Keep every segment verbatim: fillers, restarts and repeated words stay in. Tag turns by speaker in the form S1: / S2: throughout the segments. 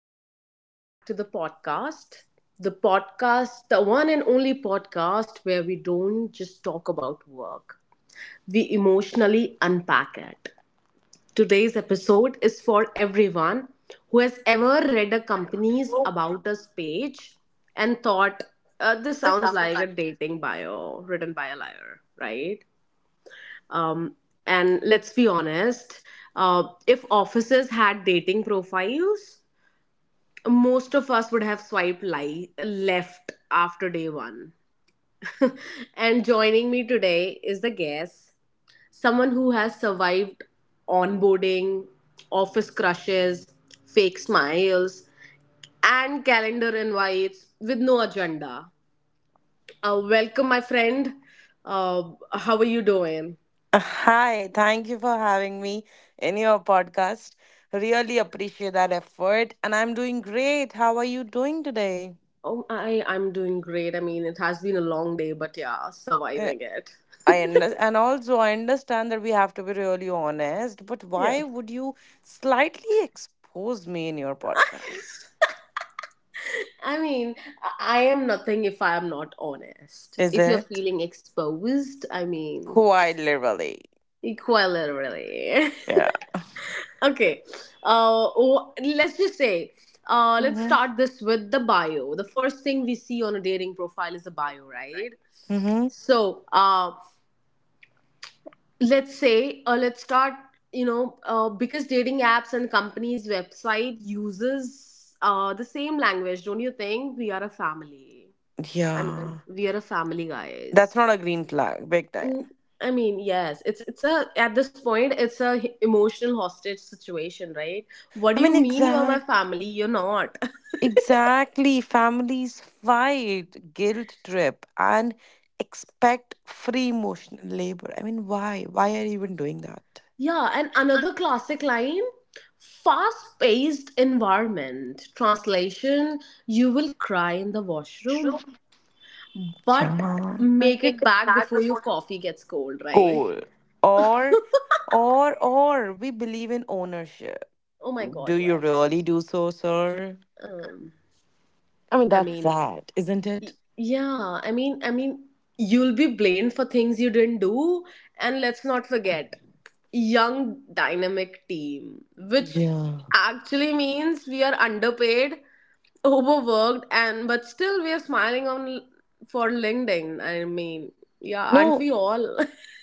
S1: and welcome back to the podcast. The podcast, the one and only podcast where we don't just talk about work, we emotionally unpack it. Today's episode is for everyone who has ever read a company's About Us page and thought, uh, this sounds like a dating bio written by a liar, right? Um, and let's be honest, uh, if offices had dating profiles, most of us would have swiped li- left after day one. And joining me today is the guest, someone who has survived onboarding, office crushes, fake smiles, and calendar invites with no agenda. Uh, welcome, my friend. Uh, how are you doing?
S2: Hi, thank you for having me in your podcast. Really appreciate that effort, and I'm doing great. How are you doing today?
S1: Oh, I, I'm doing great. I mean, it has been a long day, but yeah,
S2: Uh,
S1: surviving it.
S2: I under- and also I understand that we have to be really honest, but
S1: Yeah.
S2: why would you slightly expose me in your podcast?
S1: I mean, I I am nothing if I am not honest.
S2: Is
S1: If you're
S2: it
S1: feeling exposed, I mean,
S2: quite literally?
S1: quite literally.
S2: Yeah.
S1: Okay, uh, wh- let's just say, uh, let's start this with the bio. The first thing we see on a dating profile is a bio, right?
S2: Mm-hmm.
S1: So, uh, let's say, uh, let's start, you know, uh, because dating apps and companies' website uses uh, the same language, don't you think? We are a family. I mean,
S2: Yeah.
S1: we are a family, guys.
S2: That's not a green flag, big
S1: Mm,
S2: time.
S1: I mean, yes, it's it's a at this point it's a h- emotional hostage situation, right? What
S2: I
S1: do you
S2: mean,
S1: mean you are my
S2: exact.
S1: family? You're not.
S2: Exactly. Families fight, guilt trip, and expect free emotional labor. I mean, why? Why are you even doing that?
S1: Yeah, and another classic line, fast-paced environment. Translation, you will cry in the washroom, but
S2: Yeah.
S1: make it back before your coffee gets cold, right?
S2: Goal. Or, or, or we believe in ownership.
S1: Oh my
S2: Do
S1: god,
S2: you
S1: yes.
S2: really do so, sir?
S1: Um,
S2: I mean,
S1: I
S2: that's
S1: mean,
S2: sad, isn't
S1: Y-
S2: it?
S1: yeah, i mean i mean you'll be blamed for things you didn't do, and let's not forget young dynamic team, which
S2: Yeah.
S1: actually means we are underpaid, overworked, and but still we are smiling on for LinkedIn. I mean, yeah, aren't
S2: No,
S1: we all?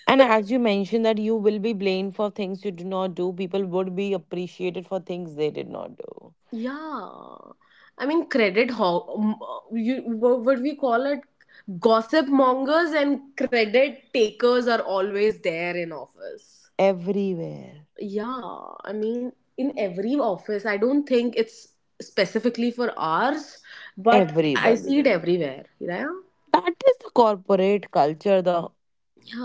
S2: and as you mentioned that you will be blamed for things you do not do, people would be appreciated for things they did not do.
S1: Yeah, I mean, credit ho- m- you what what we call it, gossip mongers and credit takers are always there in office.
S2: Everywhere.
S1: Yeah, I mean, in every office, I don't think it's specifically for ours, but I Mhm.
S2: everybody.
S1: see it everywhere. Yeah,
S2: That is the corporate culture. The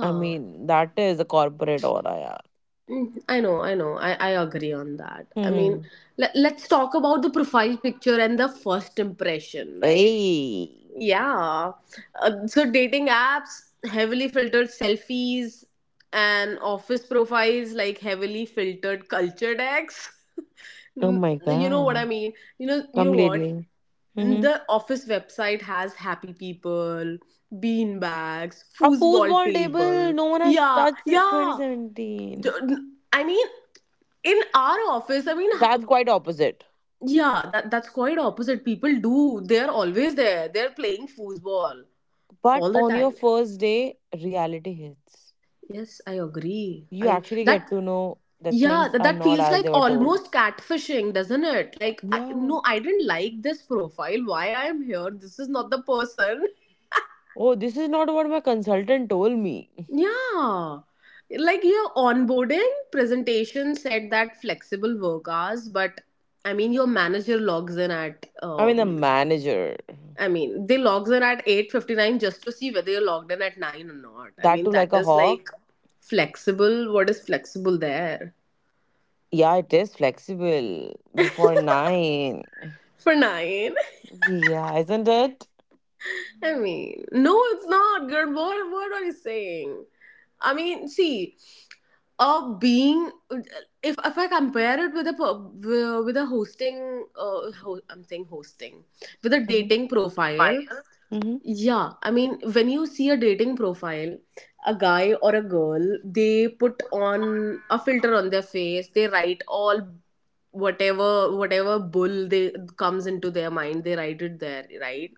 S2: I mean, that is the corporate aura. Yeah.
S1: Mm, I know, I know. I, I agree on that. I mean,
S2: Mm-hmm.
S1: let, let's talk about the profile picture and the first impression, right?
S2: Hey.
S1: Yeah. Uh, so dating apps heavily filtered selfies, and office profiles like heavily filtered culture decks.
S2: Oh
S1: N-
S2: my
S1: you know what I
S2: god.
S1: mean? You know, you know what?
S2: Completely. Mm-hmm.
S1: The office website has happy people, bean bags,
S2: A
S1: foosball
S2: foosball
S1: table.
S2: table no one has
S1: Yeah,
S2: touched since
S1: yeah.
S2: twenty seventeen.
S1: The- I mean, in our office, I mean, h-
S2: That's quite opposite.
S1: yeah, that that's quite opposite. People do. They are always there. They're playing foosball
S2: But
S1: all the
S2: on your
S1: time.
S2: first day, reality hits.
S1: Yes, I agree.
S2: You
S1: I
S2: actually get
S1: that
S2: to know that
S1: Yeah,
S2: things
S1: that,
S2: are
S1: that
S2: not
S1: feels
S2: as
S1: like
S2: they were told.
S1: almost catfishing, doesn't it? Like I,
S2: Yeah.
S1: no, I didn't like this profile. Why I am here? This is not the person.
S2: Oh, this is not what my consultant told me.
S1: Yeah. Like your onboarding presentation said that flexible work hours, but I mean your manager logs in at
S2: I mean, the
S1: um
S2: manager.
S1: I mean they logs in at eight fifty-nine just to see whether you're logged in at nine or not. I
S2: That
S1: mean
S2: too,
S1: that
S2: like a
S1: is like
S2: hawk.
S1: flexible. What is flexible there?
S2: Yeah, it is flexible before nine.
S1: For nine.
S2: Yeah, isn't it?
S1: I mean, no, it's not, girl. What, what are you saying? I mean, see, a being, if if I compare it with a per- with a hosting, uh, ho- I'm saying hosting, with a
S2: hmm
S1: dating profile.
S2: hmm
S1: Yeah, I mean, when you see a dating profile, a guy or a girl, they put on a filter on their face. They write all whatever whatever bull they comes into their mind. They write it there, right?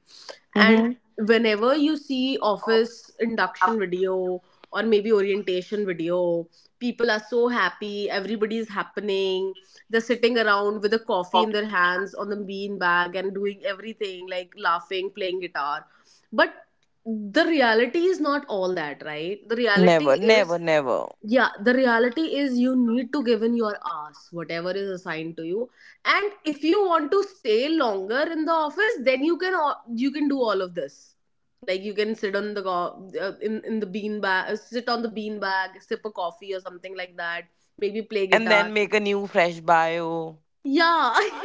S1: And
S2: hmm
S1: whenever you see office induction video or maybe orientation video, people are so happy. Everybody is happening. They're sitting around with a coffee in their hands on the bean bag and doing everything like laughing, playing guitar, but the reality is not all that, right? the reality
S2: Never, never,
S1: is
S2: never.
S1: Yeah, the reality is you need to give in your ass whatever is assigned to you, and if you want to stay longer in the office, then you can al- you can do all of this, like you can sit on the go- uh, in in the bean bag, uh, sit on the bean bag, sip a coffee or something like that, maybe play
S2: And
S1: guitar.
S2: then make a new fresh bio.
S1: Yeah.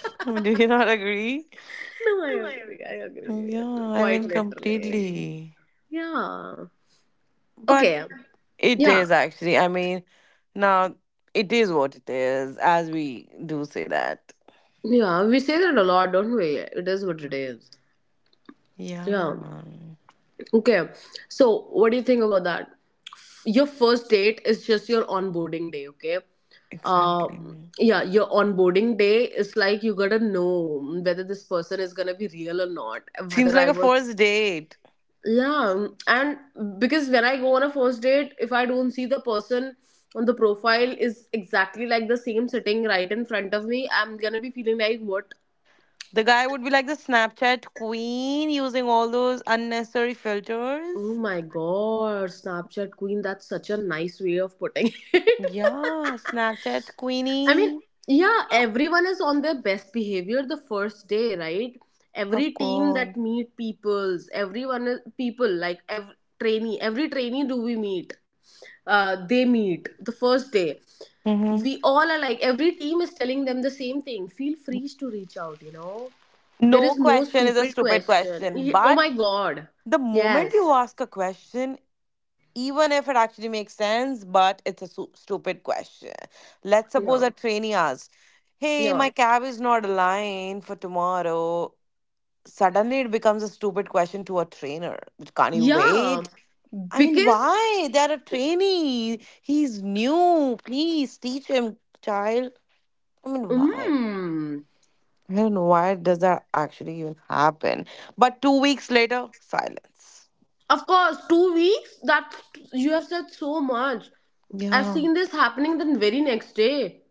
S2: Do you not agree?
S1: no i agree i agree
S2: Yeah, I mean,
S1: Quite literally.
S2: completely.
S1: Yeah.
S2: But
S1: Okay.
S2: it
S1: Yeah.
S2: is actually, I mean, now it is what it is, as we do say that.
S1: Yeah. We say that a lot, don't we? It is what it is.
S2: Yeah,
S1: Yeah. Okay. So, what do you think about that? Your first date is just your onboarding day, okay? Uh,
S2: exactly.
S1: yeah, your onboarding day is like you gotta know whether this person is gonna be real or not.
S2: Seems
S1: Whether
S2: like
S1: I
S2: a
S1: was.
S2: first date.
S1: Yeah. And because when I go on a first date, if I don't see the person on the profile is exactly like the same sitting right in front of me, I'm gonna be feeling like, what?
S2: The guy would be like the Snapchat queen using all those unnecessary
S1: Oh
S2: filters.
S1: my god, Snapchat Queen, that's such a nice way of putting it.
S2: Yeah, Snapchat
S1: I mean,
S2: queenie.
S1: yeah, everyone is on their best behavior the first day, right? Every
S2: Of
S1: team
S2: course.
S1: that meet peoples, everyone is people like every trainee, every trainee do we meet? Uh, they meet the first day.
S2: hmm
S1: We all are like every team is telling them the same thing. Feel free to reach out, you know. There
S2: No
S1: is no
S2: question is a
S1: stupid
S2: stupid
S1: question.
S2: question.
S1: Ye- Oh
S2: But
S1: my god.
S2: the moment you
S1: Yes.
S2: ask a question, even if it actually makes sense, but it's a su- stupid question. Let's suppose
S1: Yeah.
S2: a trainee asks, hey, my
S1: Yeah.
S2: cab is not aligned for tomorrow. Suddenly it becomes a stupid question to a trainer. Can't you, yeah,
S1: Yeah,
S2: wait? I mean,
S1: because
S2: why? They're a trainee. He's new. Please teach him, child. I mean, why?
S1: mm,
S2: I don't know why does that actually even happen. But two weeks later, silence.
S1: of course, two weeks. That You have said so much. I've
S2: Yeah.
S1: seen this happening the very next day.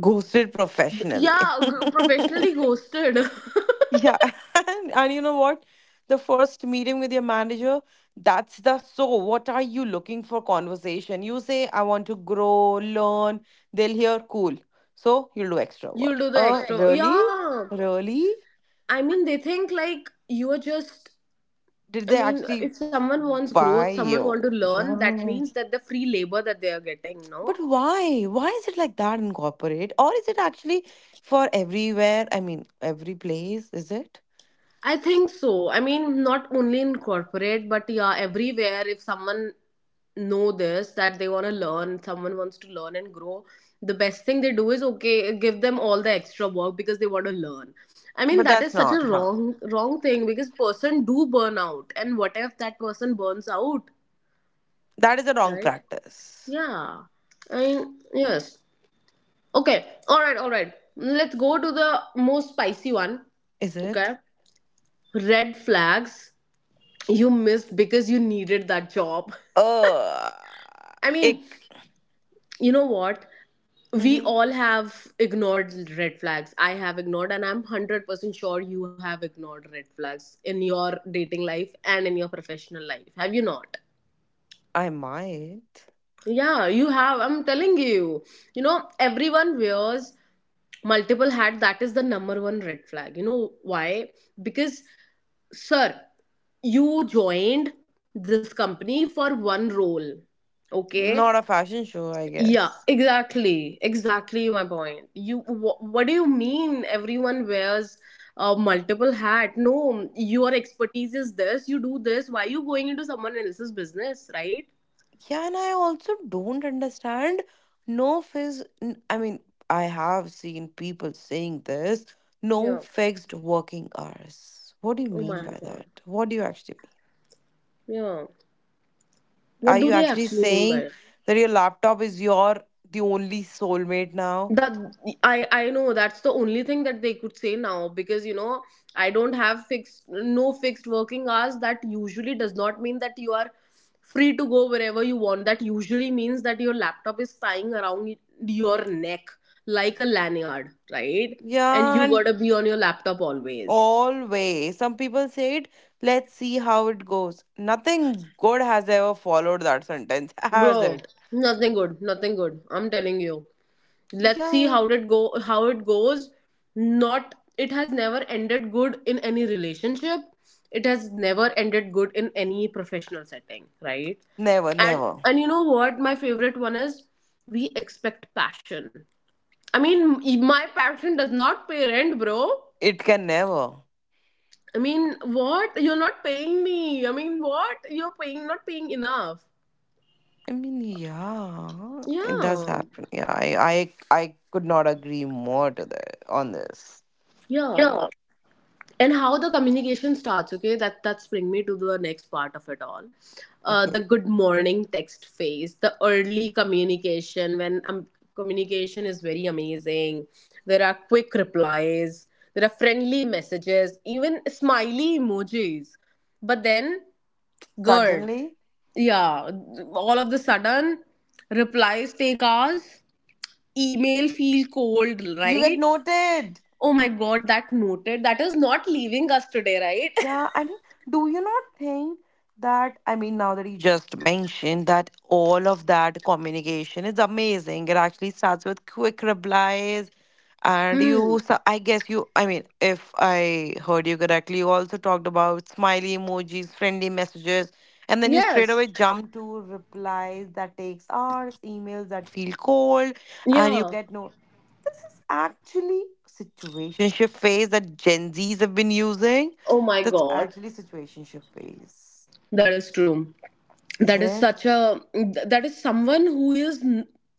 S2: Ghosted professionally.
S1: Yeah, g- professionally ghosted.
S2: Yeah. And, and you know what? The first meeting with your manager, that's the so what are you looking for conversation? You say, I want to grow, learn. They'll hear, cool. So you'll do extra work.
S1: You'll do the
S2: Uh,
S1: extra.
S2: really?
S1: Yeah,
S2: Really?
S1: I mean they think like you are just.
S2: Did
S1: I
S2: they
S1: mean,
S2: actually
S1: if someone wants growth,
S2: buy
S1: someone want
S2: you?
S1: to learn. That
S2: Yeah.
S1: means that the free labor that they are getting, no.
S2: But why? Why is it like that in corporate? Or is it actually for everywhere? I mean, every place, is it?
S1: I think so. I mean, not only in corporate, but yeah, everywhere. If someone know this that they want to learn, someone wants to learn and grow, the best thing they do is okay, give them all the extra work because they want to learn. I mean,
S2: But
S1: that is
S2: that's
S1: such a
S2: not, huh?
S1: wrong wrong thing because person do burn out, and what if that person burns out,
S2: That is a wrong
S1: right?
S2: practice.
S1: Yeah. I mean, yes. Okay. All right. All right. Let's go to the most spicy one.
S2: Is it?
S1: Okay. Red flags you missed because you needed that job.
S2: Uh,
S1: I mean,
S2: ick.
S1: you know what? We
S2: hmm
S1: all have ignored red flags. I have ignored, and I'm one hundred percent sure you have ignored red flags in your dating life and in your professional life. Have you not?
S2: I might.
S1: Yeah, you have. I'm telling you. You know, everyone wears multiple hats. That is the number one red flag. You know why? Because, sir, you joined this company for one role, okay.
S2: Not a fashion show, I
S1: Yeah,
S2: guess.
S1: exactly. Exactly my point. You wh- what do you mean everyone wears uh, multiple hat? No, your expertise is this. You do this. Why are you going into someone else's business, right?
S2: Yeah, and I also don't understand. No fizz. N- I mean, I have seen people saying this. No
S1: Yeah.
S2: fixed working hours. What do you
S1: Oh
S2: mean
S1: my
S2: by
S1: god.
S2: that? What do you actually mean?
S1: Yeah. What
S2: Are
S1: do
S2: you
S1: they
S2: actually
S1: actually mean by
S2: saying
S1: it?
S2: that your laptop is your the only soulmate now?
S1: That i i know that's the only thing that they could say now, because you know, I don't have fixed, no fixed working hours, that usually does not mean that you are free to go wherever you want. That usually means that your laptop is tying around your neck like a lanyard, right? And
S2: Yeah,
S1: you
S2: and
S1: gotta be on your laptop always.
S2: always. Some people say it, let's see how it goes. Nothing good has ever followed that sentence, has
S1: Bro,
S2: it?
S1: nothing good nothing good, I'm telling you. Let's see how
S2: Yeah.
S1: did go how it goes. Not It has never ended good in any relationship. It has never ended good in any professional setting, right?
S2: Never,
S1: and
S2: never.
S1: and you know what my favorite one is? We expect passion. I mean, my passion does not pay rent, bro.
S2: It can never.
S1: I mean, what, you're not paying me? I mean, what, you're paying not paying enough.
S2: I mean, yeah, it does
S1: Yeah,
S2: happen. Yeah, I, I, I could not agree more to the on this.
S1: yeah. And how the communication starts, okay, that that's bring me to the next part of it all. Uh,
S2: Okay,
S1: the good morning text phase, the early communication, when um, communication is very amazing, there are quick replies, there are friendly messages, even smiley emojis. But then, girl,
S2: suddenly
S1: yeah, all of the sudden, replies take hours, email feel cold,
S2: you get
S1: right?
S2: noted.
S1: Oh my god, that noted, that is not leaving us today, right?
S2: Yeah, I mean, do you not think that? I mean, now that you just mentioned that all of that communication is amazing. It actually starts with quick replies. And you,
S1: Mm.
S2: so I guess you, I mean, if I heard you correctly, you also talked about smiley emojis, friendly messages, and then you straight
S1: Yes.
S2: away jump to replies that takes hours, emails that feel cold, and you
S1: Yeah.
S2: get no. This is actually situationship phase that Gen Zs have been using.
S1: Oh my
S2: That's
S1: God.
S2: actually situationship phase,
S1: That is true. That is
S2: isn't
S1: such a. That is someone who is,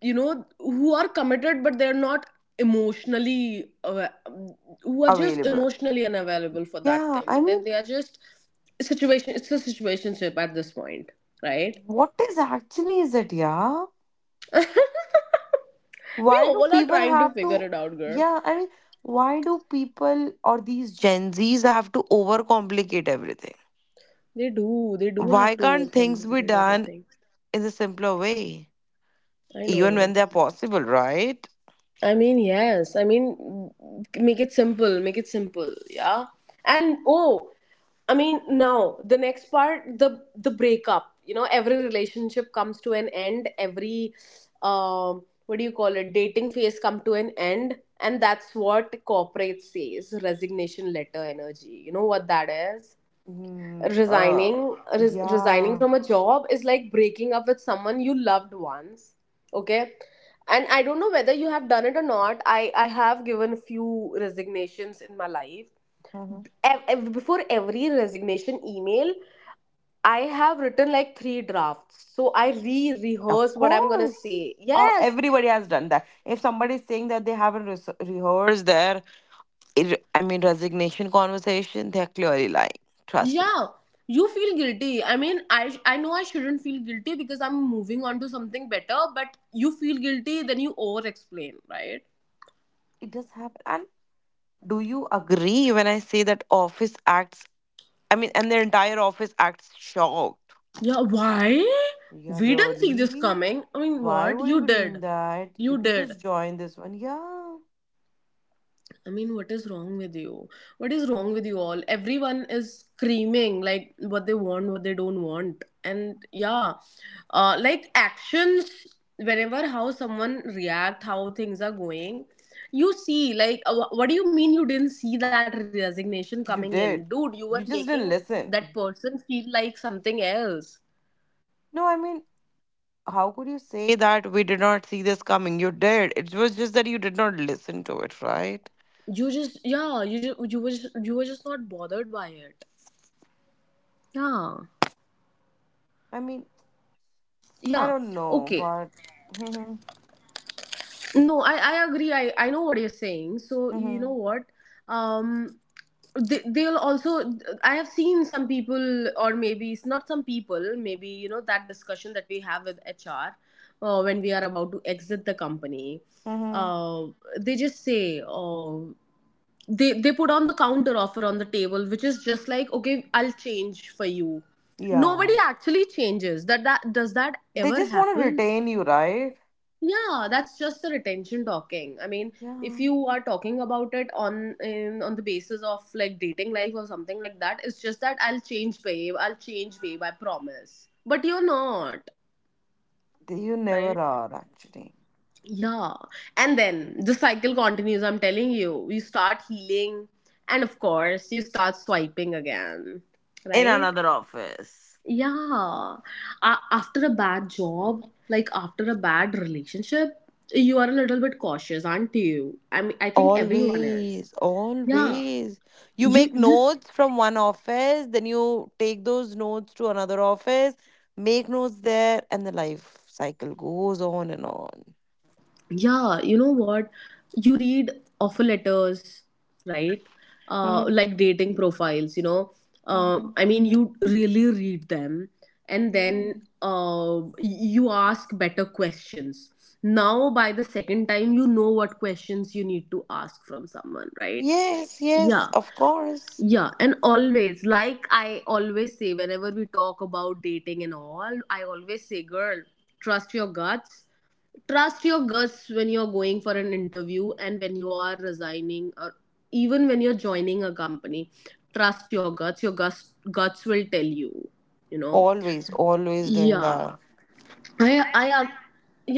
S1: you know, who are committed, but they're not emotionally. awa- Who are just
S2: available.
S1: emotionally unavailable for that
S2: Yeah, I
S1: thing. That
S2: mean,
S1: they are just situation. It's a situationship at this point, right?
S2: what is actually is it? Yeah.
S1: We
S2: Why do
S1: all are
S2: people
S1: trying to
S2: have
S1: figure
S2: to,
S1: it out, girl.
S2: yeah, I mean, why do people or these Gen Zs have to overcomplicate everything?
S1: They do. They do
S2: Why
S1: have to
S2: can't things be
S1: overcomplicate
S2: done
S1: everything.
S2: in the simpler way,
S1: I
S2: even
S1: know.
S2: when they're possible, right?
S1: I mean, yes. I mean, make it simple. Make it simple. Yeah. And oh, I mean, now the next part, the the breakup. You know, every relationship comes to an end. Every, um, what do you call it? Dating phase come to an end, and that's what corporate says. Resignation letter energy. You know what that is?
S2: Mm, uh,
S1: Resigning res- resigning
S2: yeah,
S1: from a job is like breaking up with someone you loved once. Okay. And I don't know whether you have done it or not. I i have given a few resignations in my life.
S2: mhm.
S1: Ev- ev- before every resignation email, I have written like three drafts, so I re
S2: Of
S1: rehearse what I'm going to
S2: course.
S1: say.
S2: Uh,
S1: Yes.
S2: everybody has done that. If somebody is saying that they haven't res rehearsed their it, I mean, resignation conversation, they're clearly lying. Trust me.
S1: Yeah, you feel guilty. I mean, i i know I shouldn't feel guilty because I'm moving on to something better, but you feel guilty, then you over explain, right?
S2: It does happen. And do you agree when I say that office acts, I mean, and the entire office acts shocked?
S1: Yeah, why?
S2: Yeah,
S1: We didn't see this
S2: really?
S1: coming. I mean,
S2: Why
S1: what
S2: would you
S1: you
S2: be doing
S1: did?
S2: that? You
S1: You
S2: could
S1: did.
S2: just join this one. Yeah,
S1: I mean, what is wrong with you? What is wrong with you all? Everyone is screaming like what they want, what they don't want. And yeah, uh, like actions, whenever how someone react, how things are going, you see, like, uh, wh- what do you mean you didn't see that resignation
S2: you
S1: coming
S2: did.
S1: in? Dude, you
S2: You
S1: were
S2: just didn't
S1: making
S2: listen.
S1: that person feel like something else.
S2: No, I mean, how could you say that we did not see this coming? You did. It was just that you did not listen to it, right?
S1: You just, yeah, you just, you were, just, you were just not bothered by it. Yeah,
S2: I mean, I
S1: yeah,
S2: don't know,
S1: okay.
S2: but hmm
S1: No, i i agree, i i know what you're saying. So you know
S2: hmm
S1: what? um they, they'll also, I have seen some people, or maybe it's not some people, maybe you know that discussion that we have with HR uh, when we are about to exit the company.
S2: hmm
S1: uh, they just say, oh, they they put on the counter offer on the table, which is just like, okay, I'll change for you.
S2: Yeah,
S1: Nobody actually changes that. That does that
S2: they
S1: ever
S2: just want to
S1: happen?
S2: retain you, right?
S1: Yeah, that's just the retention talking. I mean, if
S2: Yeah,
S1: you are talking about it on in, on the basis of like dating life or something like that, it's just that I'll change, babe. I'll change, babe. I promise. But you're not,
S2: they, you never
S1: right?
S2: are actually
S1: Yeah. And then the cycle continues. I'm telling you, you start healing, and of course, you start swiping again,
S2: in
S1: right?
S2: another office.
S1: Yeah. A- after a bad job, like after a bad relationship, you are a little bit cautious, aren't you? I mean, I think everyone is.
S2: Always,
S1: Yeah.
S2: always. You
S1: You
S2: make
S1: you
S2: notes from one office, then you take those notes to another office, make notes there, and the life cycle goes on and on.
S1: yeah, you know what, you read offer letters, right? Uh
S2: Mhm,
S1: like dating profiles, you know. uh,
S2: mhm.
S1: I mean, you really read them, and
S2: Yeah.
S1: then uh y- you ask better questions. Now, by the second time, you know what questions you need to ask from someone, right?
S2: Yes, yes,
S1: Yeah.
S2: of course.
S1: Yeah, and always, like, I always say whenever we talk about dating and all, I always say, girl, trust your guts. Trust your guts when you're going for an interview, and when you are resigning, or even when you're joining a company, trust your guts. Your guts guts will tell you, you know.
S2: Always, always doing
S1: Yeah,
S2: that.
S1: i i am.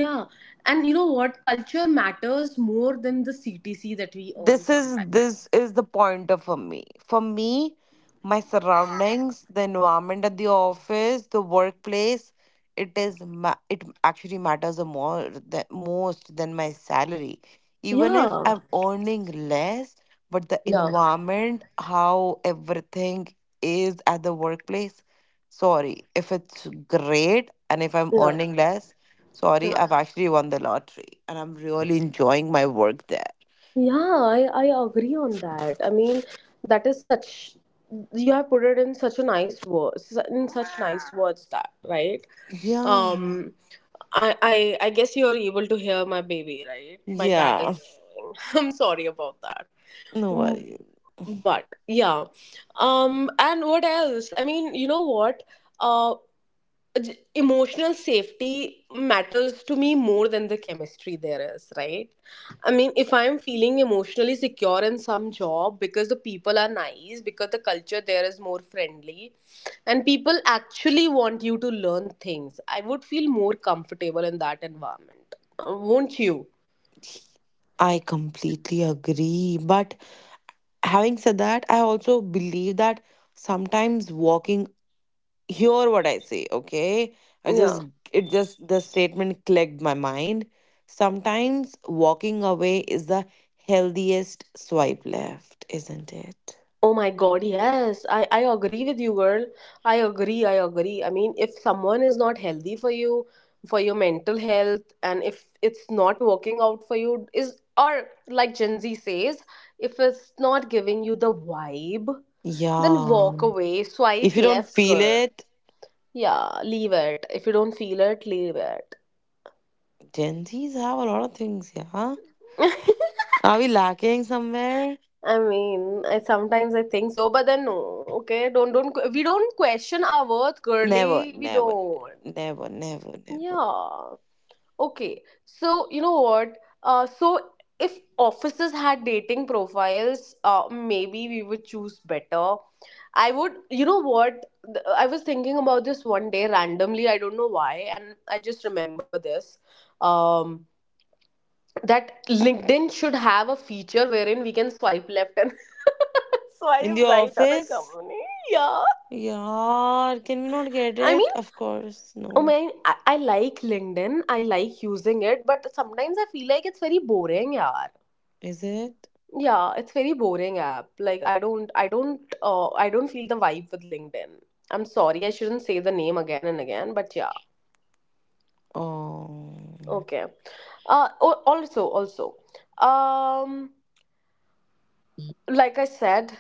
S1: Yeah. And you know what? Culture matters more than the CTC that we earn
S2: this is
S1: sometimes.
S2: this is the pointer for me for me My surroundings, the environment at the office, the workplace, it is ma- it actually matters the more the most than my salary, even if
S1: Yeah,
S2: I'm earning less. But the
S1: yeah,
S2: environment, how everything is at the workplace, sorry, if it's great, and if I'm
S1: yeah,
S2: earning less, sorry,
S1: yeah.
S2: I've actually won the lottery, and I'm really enjoying my work there.
S1: Yeah, I, I agree on that. I mean, that is such, you have put it in such a nice words in such nice words, that, right.
S2: Yeah.
S1: Um, I I I guess you are able to hear my baby, right? My cat is
S2: Yeah.
S1: meowing. I'm sorry about that.
S2: No
S1: Mm.
S2: worry.
S1: But yeah, um, and what else? I mean, you know what? Uh j- Emotional safety matters to me more than the chemistry there is, right? I mean, if I'm feeling emotionally secure in some job because the people are nice, because the culture there is more friendly and people actually want you to learn things, I would feel more comfortable in that environment. Uh, won't you?
S2: I completely agree. But having said that, I also believe that sometimes walking, hear what I say, okay? I
S1: Yeah.
S2: just, it just, the statement clicked my mind. Sometimes walking away is the healthiest swipe left, isn't it?
S1: Oh my god, yes. I, I agree with you, girl. I agree, I agree. I mean, if someone is not healthy for you, for your mental health, and if it's not working out for you, is, or like Gen Z says, if it's not giving you the vibe, then
S2: Yeah.
S1: walk away.
S2: If
S1: Swipe
S2: you don't
S1: left,
S2: feel
S1: girl.
S2: it,
S1: Yeah, leave it. If you don't feel it, leave it.
S2: Gen Zs have a lot of things, yeah? Are we lacking somewhere?
S1: I mean, I, sometimes I think so, but then no. Okay, don't don't que- we don't question our worth,
S2: Never,
S1: girly. We
S2: never,
S1: don't.
S2: never, never, never.
S1: Yeah. Okay. So you know what? Uh, so if offices had dating profiles, uh, maybe we would choose better. I would. You know what? Th- I was thinking about this one day randomly. I don't know why, and I just remember this. Um, that LinkedIn should have a feature wherein we can swipe left and
S2: In
S1: swipe
S2: the
S1: right on a
S2: office?
S1: company. Yeah.
S2: Yeah, can we not get
S1: I mean,
S2: it? Of course,
S1: oh
S2: no.
S1: my, I, I like LinkedIn. I like using it, but sometimes I feel like it's very boring, yaar.
S2: Is it?
S1: Yeah, it's very boring app. Like I don't, I don't, uh, I don't feel the vibe with LinkedIn. I'm sorry, I shouldn't say the name again and again, but yeah,
S2: Oh,
S1: okay. Uh, al- also, also, um, like I said,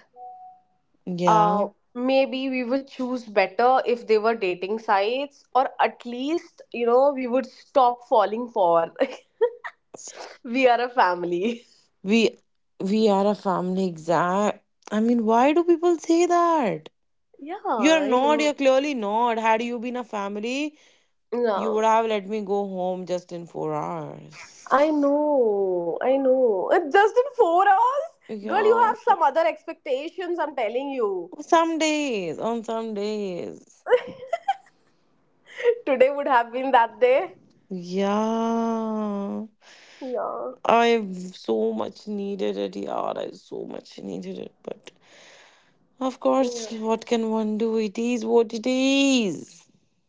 S2: yeah.
S1: uh, maybe we would choose better if they were dating sites, or at least, you know, we would stop falling for
S2: S-
S1: we are a family.
S2: We we are a family, exact. I mean, why do people say that?
S1: Yeah,
S2: You're
S1: I
S2: not,
S1: know.
S2: you're clearly not. Had you been a family, you
S1: Yeah,
S2: would have let me go home just in four hours.
S1: I know, I know. Uh, just in four hours, girl, you
S2: Yeah.
S1: have some other expectations, I'm telling you.
S2: Some days, on some days.
S1: Today would have been that day.
S2: Yeah.
S1: Yeah.
S2: I've so much needed it, yeah. I so much needed it, but of course,
S1: Yeah,
S2: what can one do? It is what it is.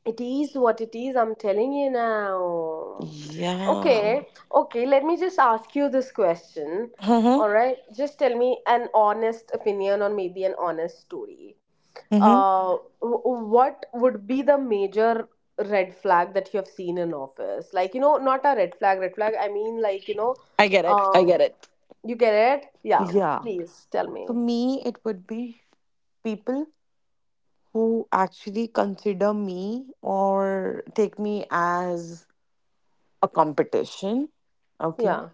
S1: it is what it is, I'm telling you now.
S2: Yeah.
S1: Okay, okay, let me just ask you this question.
S2: Uh-huh.
S1: All right, just tell me an honest opinion or maybe an honest story.
S2: Uh huh.
S1: Uh, w- what would be the major red flag that you have seen in office? Like, you know, not a red flag, red flag, I mean, like, you know,
S2: I get it. I
S1: uh,
S2: get it.
S1: you get it? Yeah,
S2: Yeah.
S1: please tell
S2: For
S1: me.
S2: me, it would be people who actually consider me or take me as a competition. Okay.
S1: Yeah,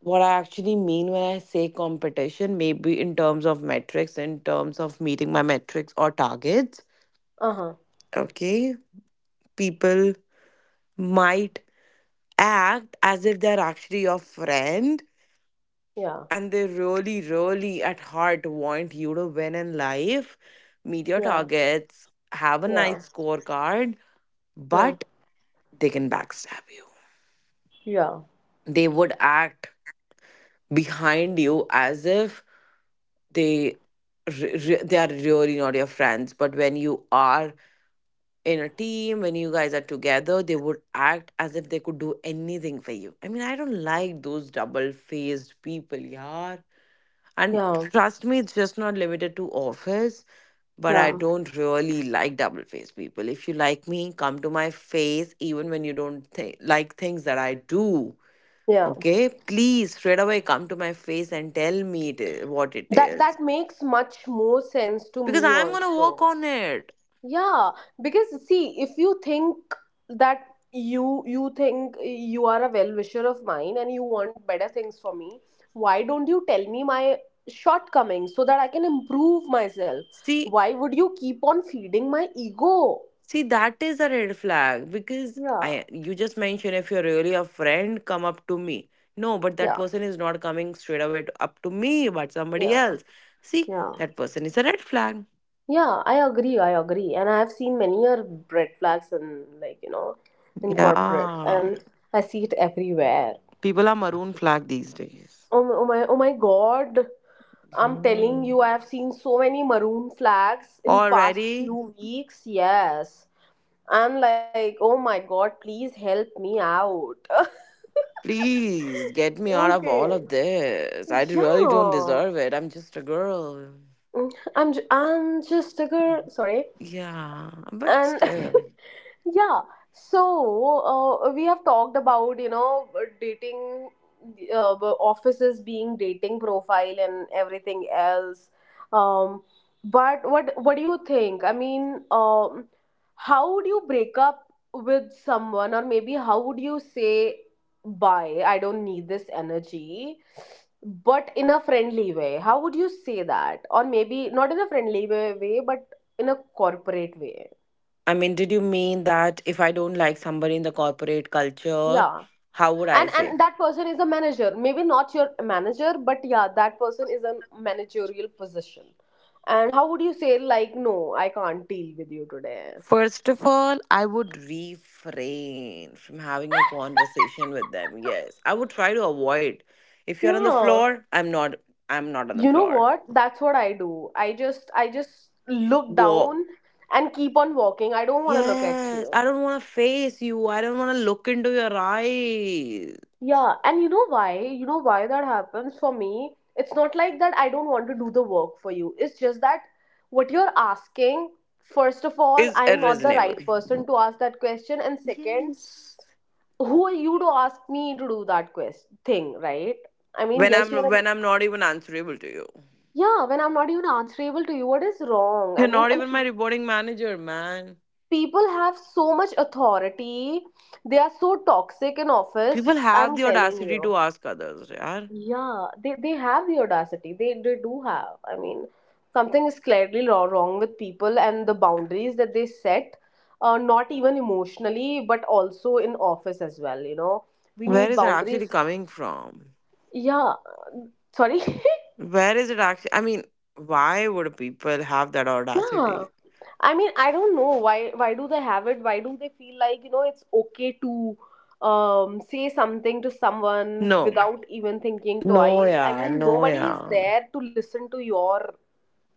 S2: What I actually mean when I say competition, maybe in terms of metrics, in terms of meeting my metrics or targets,
S1: uh huh,
S2: okay, people might act as if they're actually your friend,
S1: yeah,
S2: and they really really at heart want you to win in life, meet your
S1: yeah,
S2: targets, have a
S1: yeah,
S2: nice scorecard,
S1: yeah,
S2: but they can backstab you.
S1: yeah,
S2: They would act behind you as if they re- re- they are really not your friends, but when you are in a team, when you guys are together, they would act as if they could do anything for you. I mean, I don't like those double faced people, yaar. And
S1: yeah,
S2: trust me, it's just not limited to office, but I
S1: yeah,
S2: don't really like double faced people. If you like me, come to my face, even when you don't th- like things that I do.
S1: yeah.
S2: Okay, please straight away come to my face and tell me it is, what it
S1: That
S2: is,
S1: that makes much more sense to
S2: because
S1: me
S2: I'm going to work
S1: also.
S2: on it.
S1: Yeah, because see, if you think that you you think you are a well-wisher of mine and you want better things for me, why don't you tell me my shortcomings so that I can improve myself?
S2: see
S1: Why would you keep on feeding my ego?
S2: See, that is a red flag because I
S1: Yeah,
S2: you just mentioned if you're really a friend, come up to me. No, but that
S1: yeah,
S2: person is not coming straight away to- up to me, but somebody
S1: yeah,
S2: else. See,
S1: yeah.
S2: that person is a red flag.
S1: Yeah, I agree, I agree. And I have seen many are red flags in, like, you know, in corporate,
S2: Yeah.
S1: and I see it everywhere.
S2: People are maroon flag these days.
S1: Oh, my- oh my, oh my God. I'm
S2: Yeah.
S1: telling you, I have seen so many maroon flags in past few
S2: Already?
S1: weeks. Yes. I'm like, oh my god, please help me out.
S2: Please get me out of
S1: okay.
S2: all of this. I really don't
S1: Yeah.
S2: deserve it. I'm just a girl.
S1: Mm, I'm, ju- I'm just a girl. Sorry.
S2: Yeah, but
S1: And
S2: still.
S1: yeah, so uh, we have talked about, you know, dating, uh, offices being dating profile and everything else. Um, but what what do you think? I mean, um, how would you break up with someone, or maybe how would you say bye? I don't need this energy. But in a friendly way, how would you say that? Or maybe not in a friendly way, way but in a corporate way.
S2: I mean, did you mean that if I don't like somebody in the corporate culture,
S1: Yeah.
S2: how would I
S1: and
S2: say?
S1: and that person is a manager, maybe not your manager, but yeah, that person is a managerial position, and how would you say like, no, I can't deal with you today?
S2: First of all, I would refrain from having a conversation with them. Yes, I would try to avoid. If you're on the
S1: Yeah,
S2: floor, I'm not. I'm not on the
S1: you know
S2: floor.
S1: what, that's what I do. I just i just look
S2: Whoa.
S1: down and keep on walking. I don't want to look at
S2: Yes,
S1: you.
S2: I don't want to face you. I don't want to look into your eyes.
S1: Yeah, and you know why? You know why that happens for me? It's not like that I don't want to do the work for you. It's just that what you're asking, first of all,
S2: It's
S1: I am not the
S2: irreasonable
S1: right person to ask that question. And second, who are you to ask me to do that quest thing, right? I mean,
S2: when
S1: yes, you're
S2: I'm
S1: a
S2: when I'm not even answerable to you.
S1: yeah, when I'm not even answerable to you, what is wrong? I
S2: You're
S1: mean,
S2: not
S1: and
S2: even my reporting manager, man.
S1: people have so much authority. They are so toxic in
S2: People
S1: office.
S2: have
S1: I'm
S2: the
S1: telling
S2: audacity
S1: you.
S2: to ask others, yaar.
S1: Yeah, they they have the audacity. They they do have. I mean, something is clearly wro- wrong with people and the boundaries that they set, uh, not even emotionally, but also in office as well. You know, we
S2: Where
S1: need
S2: is it actually
S1: boundaries.
S2: coming from?
S1: Yeah, sorry.
S2: Where is it actually? I mean, why would people have that
S1: yeah.
S2: audacity?
S1: I mean, I don't know why why do they have it? Why do they feel like, you know, it's okay to um say something to someone
S2: No,
S1: without even thinking
S2: no,
S1: twice? I
S2: yeah,
S1: mean,
S2: no,
S1: nobody is
S2: yeah.
S1: there to listen to your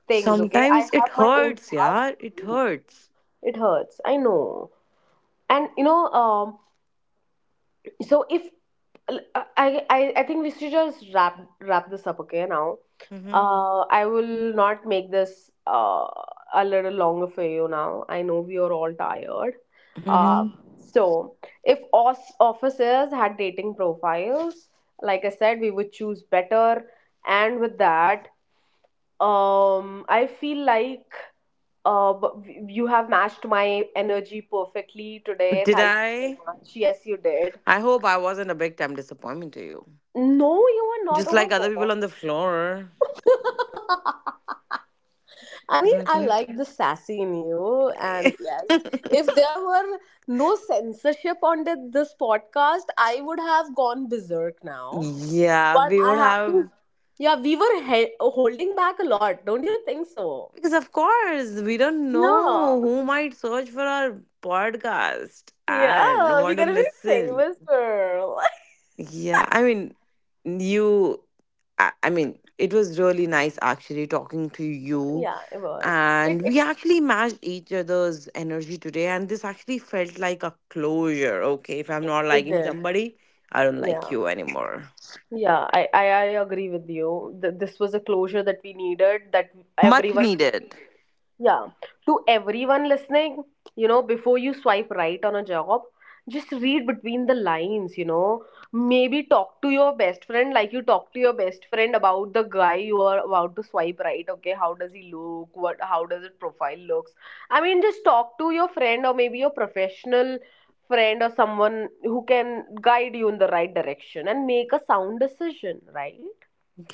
S1: things. Okay, I
S2: Sometimes it
S1: have my own
S2: hurts,
S1: task
S2: yaar.
S1: to
S2: It
S1: do.
S2: hurts.
S1: It hurts, I know. And you know, um, so if I, I I think we should just wrap wrap this up, okay, now.
S2: hmm
S1: uh I will not make this uh a little longer for you now. I know we are all tired. uh
S2: hmm
S1: so if os- officers had dating profiles, like I said, we would choose better. And with that, um, I feel like, uh, b- you have matched my energy perfectly today.
S2: Did
S1: Thank you so
S2: I?
S1: much. Yes, you did.
S2: I hope I wasn't a big time disappointment to you.
S1: No, you are not.
S2: Just
S1: Oh my
S2: like other people on the floor,
S1: god. I mean,
S2: isn't
S1: I
S2: it?
S1: like the sassy in you, and yes, if there were no censorship on the, this podcast, I would have gone berserk now.
S2: Yeah,
S1: But
S2: we
S1: I
S2: would
S1: have to.
S2: have.
S1: Yeah, we were he- holding back a lot, don't you think so?
S2: Because, of course, we don't
S1: Yeah.
S2: know who might search for our podcast
S1: Yeah,
S2: and
S1: we're
S2: want to
S1: gonna be
S2: listen.
S1: famous, girl.
S2: Yeah, I mean, you, I, I mean, it was really nice actually talking to you.
S1: Yeah, it was. It
S2: And
S1: it,
S2: we actually matched each other's energy today. And this actually felt like a closure. Okay, if I'm not
S1: it
S2: liking
S1: did.
S2: somebody, I don't like
S1: Yeah.
S2: you anymore.
S1: Yeah, I, I, I agree with you. Th- this was a closure that we needed, that
S2: Much
S1: everyone needed.
S2: needed.
S1: Yeah, to everyone listening, you know, before you swipe right on a job, just read between the lines, you know. Maybe talk to your best friend like you talk to your best friend about the guy you are about to swipe right, okay? How does he look? What how does his profile looks? I mean, just talk to your friend or maybe your professional friend or someone who can guide you in the right direction and make a sound decision, right?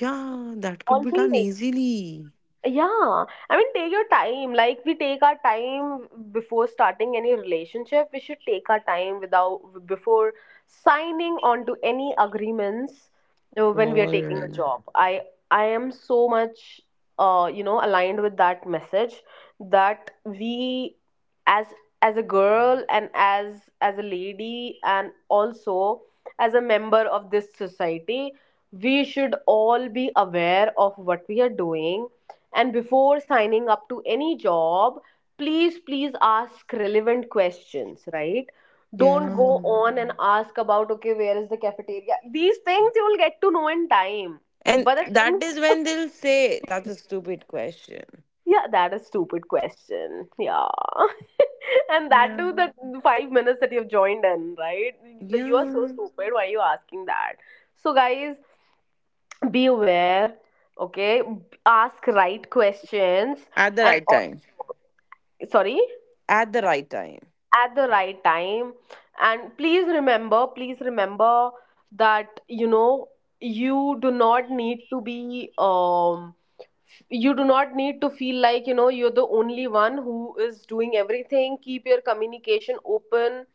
S2: Yeah, that could be done
S1: Always.
S2: easily.
S1: Yeah, I mean, take your time. Like we take our time before starting any relationship. We should take our time without before signing on to any agreements, uh, when we are
S2: All
S1: taking a
S2: right.
S1: job. I I am so much uh you know aligned with that message, that we as as a girl, and as as a lady, and also as a member of this society, we should all be aware of what we are doing. And before signing up to any job, please, please ask relevant questions, right? Don't go
S2: Yeah.
S1: on and ask about, okay, where is the cafeteria? These things you will get to know in time.
S2: And
S1: But the things,
S2: that is when they'll say that's a stupid question.
S1: yeah, that is stupid question. Yeah. And that
S2: Yeah.
S1: too, the five minutes that you've joined in, right? The- You are so
S2: Yeah.
S1: stupid. Why are you asking that? So, guys, be aware, okay? Ask right questions,
S2: At the
S1: and
S2: right
S1: also,
S2: time.
S1: sorry?
S2: At the right time.
S1: At the right time. And please remember, please remember that, you know, you do not need to be, um, you do not need to feel like, you know, you're the only one who is doing everything. Keep your communication open,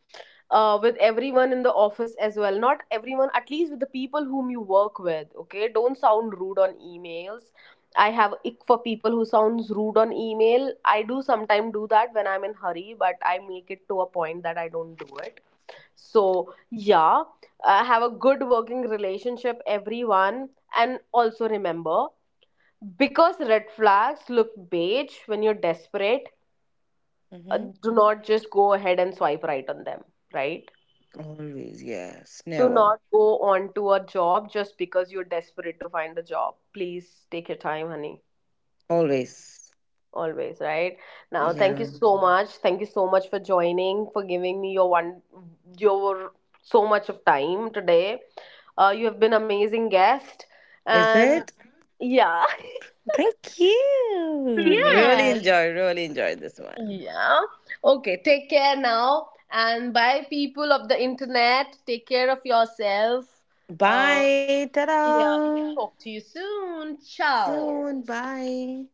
S1: uh, with everyone in the office as well. Not everyone, at least with the people whom you work with. Okay, don't sound rude on emails. I have ick for people who sounds rude on email. I do sometimes do that when I'm in hurry, but I make it to a point that I don't do it. So yeah, uh, have a good working relationship, everyone, and also remember, because red flags look beige when you're desperate. Uh,
S2: Mm-hmm.
S1: do not just go ahead and swipe right on them, right?
S2: Always, yes.
S1: Do
S2: Never.
S1: not go on to a job just because you're desperate to find a job. Please take your time, honey.
S2: Always.
S1: Always, right? Now, thank you
S2: Yeah.
S1: so much. Thank you so much for joining, for giving me your one, your so much of time today. Uh, you have been amazing guest,
S2: Is
S1: and
S2: it?
S1: yeah,
S2: Thank you. Really
S1: yes,
S2: enjoy, really enjoy this one.
S1: yeah. Okay, take care now, and bye, people of the internet. Take care of yourself. Uh,
S2: Bye.
S1: yeah.
S2: Ta-da.
S1: Talk to you soon. Ciao.
S2: Soon. Bye.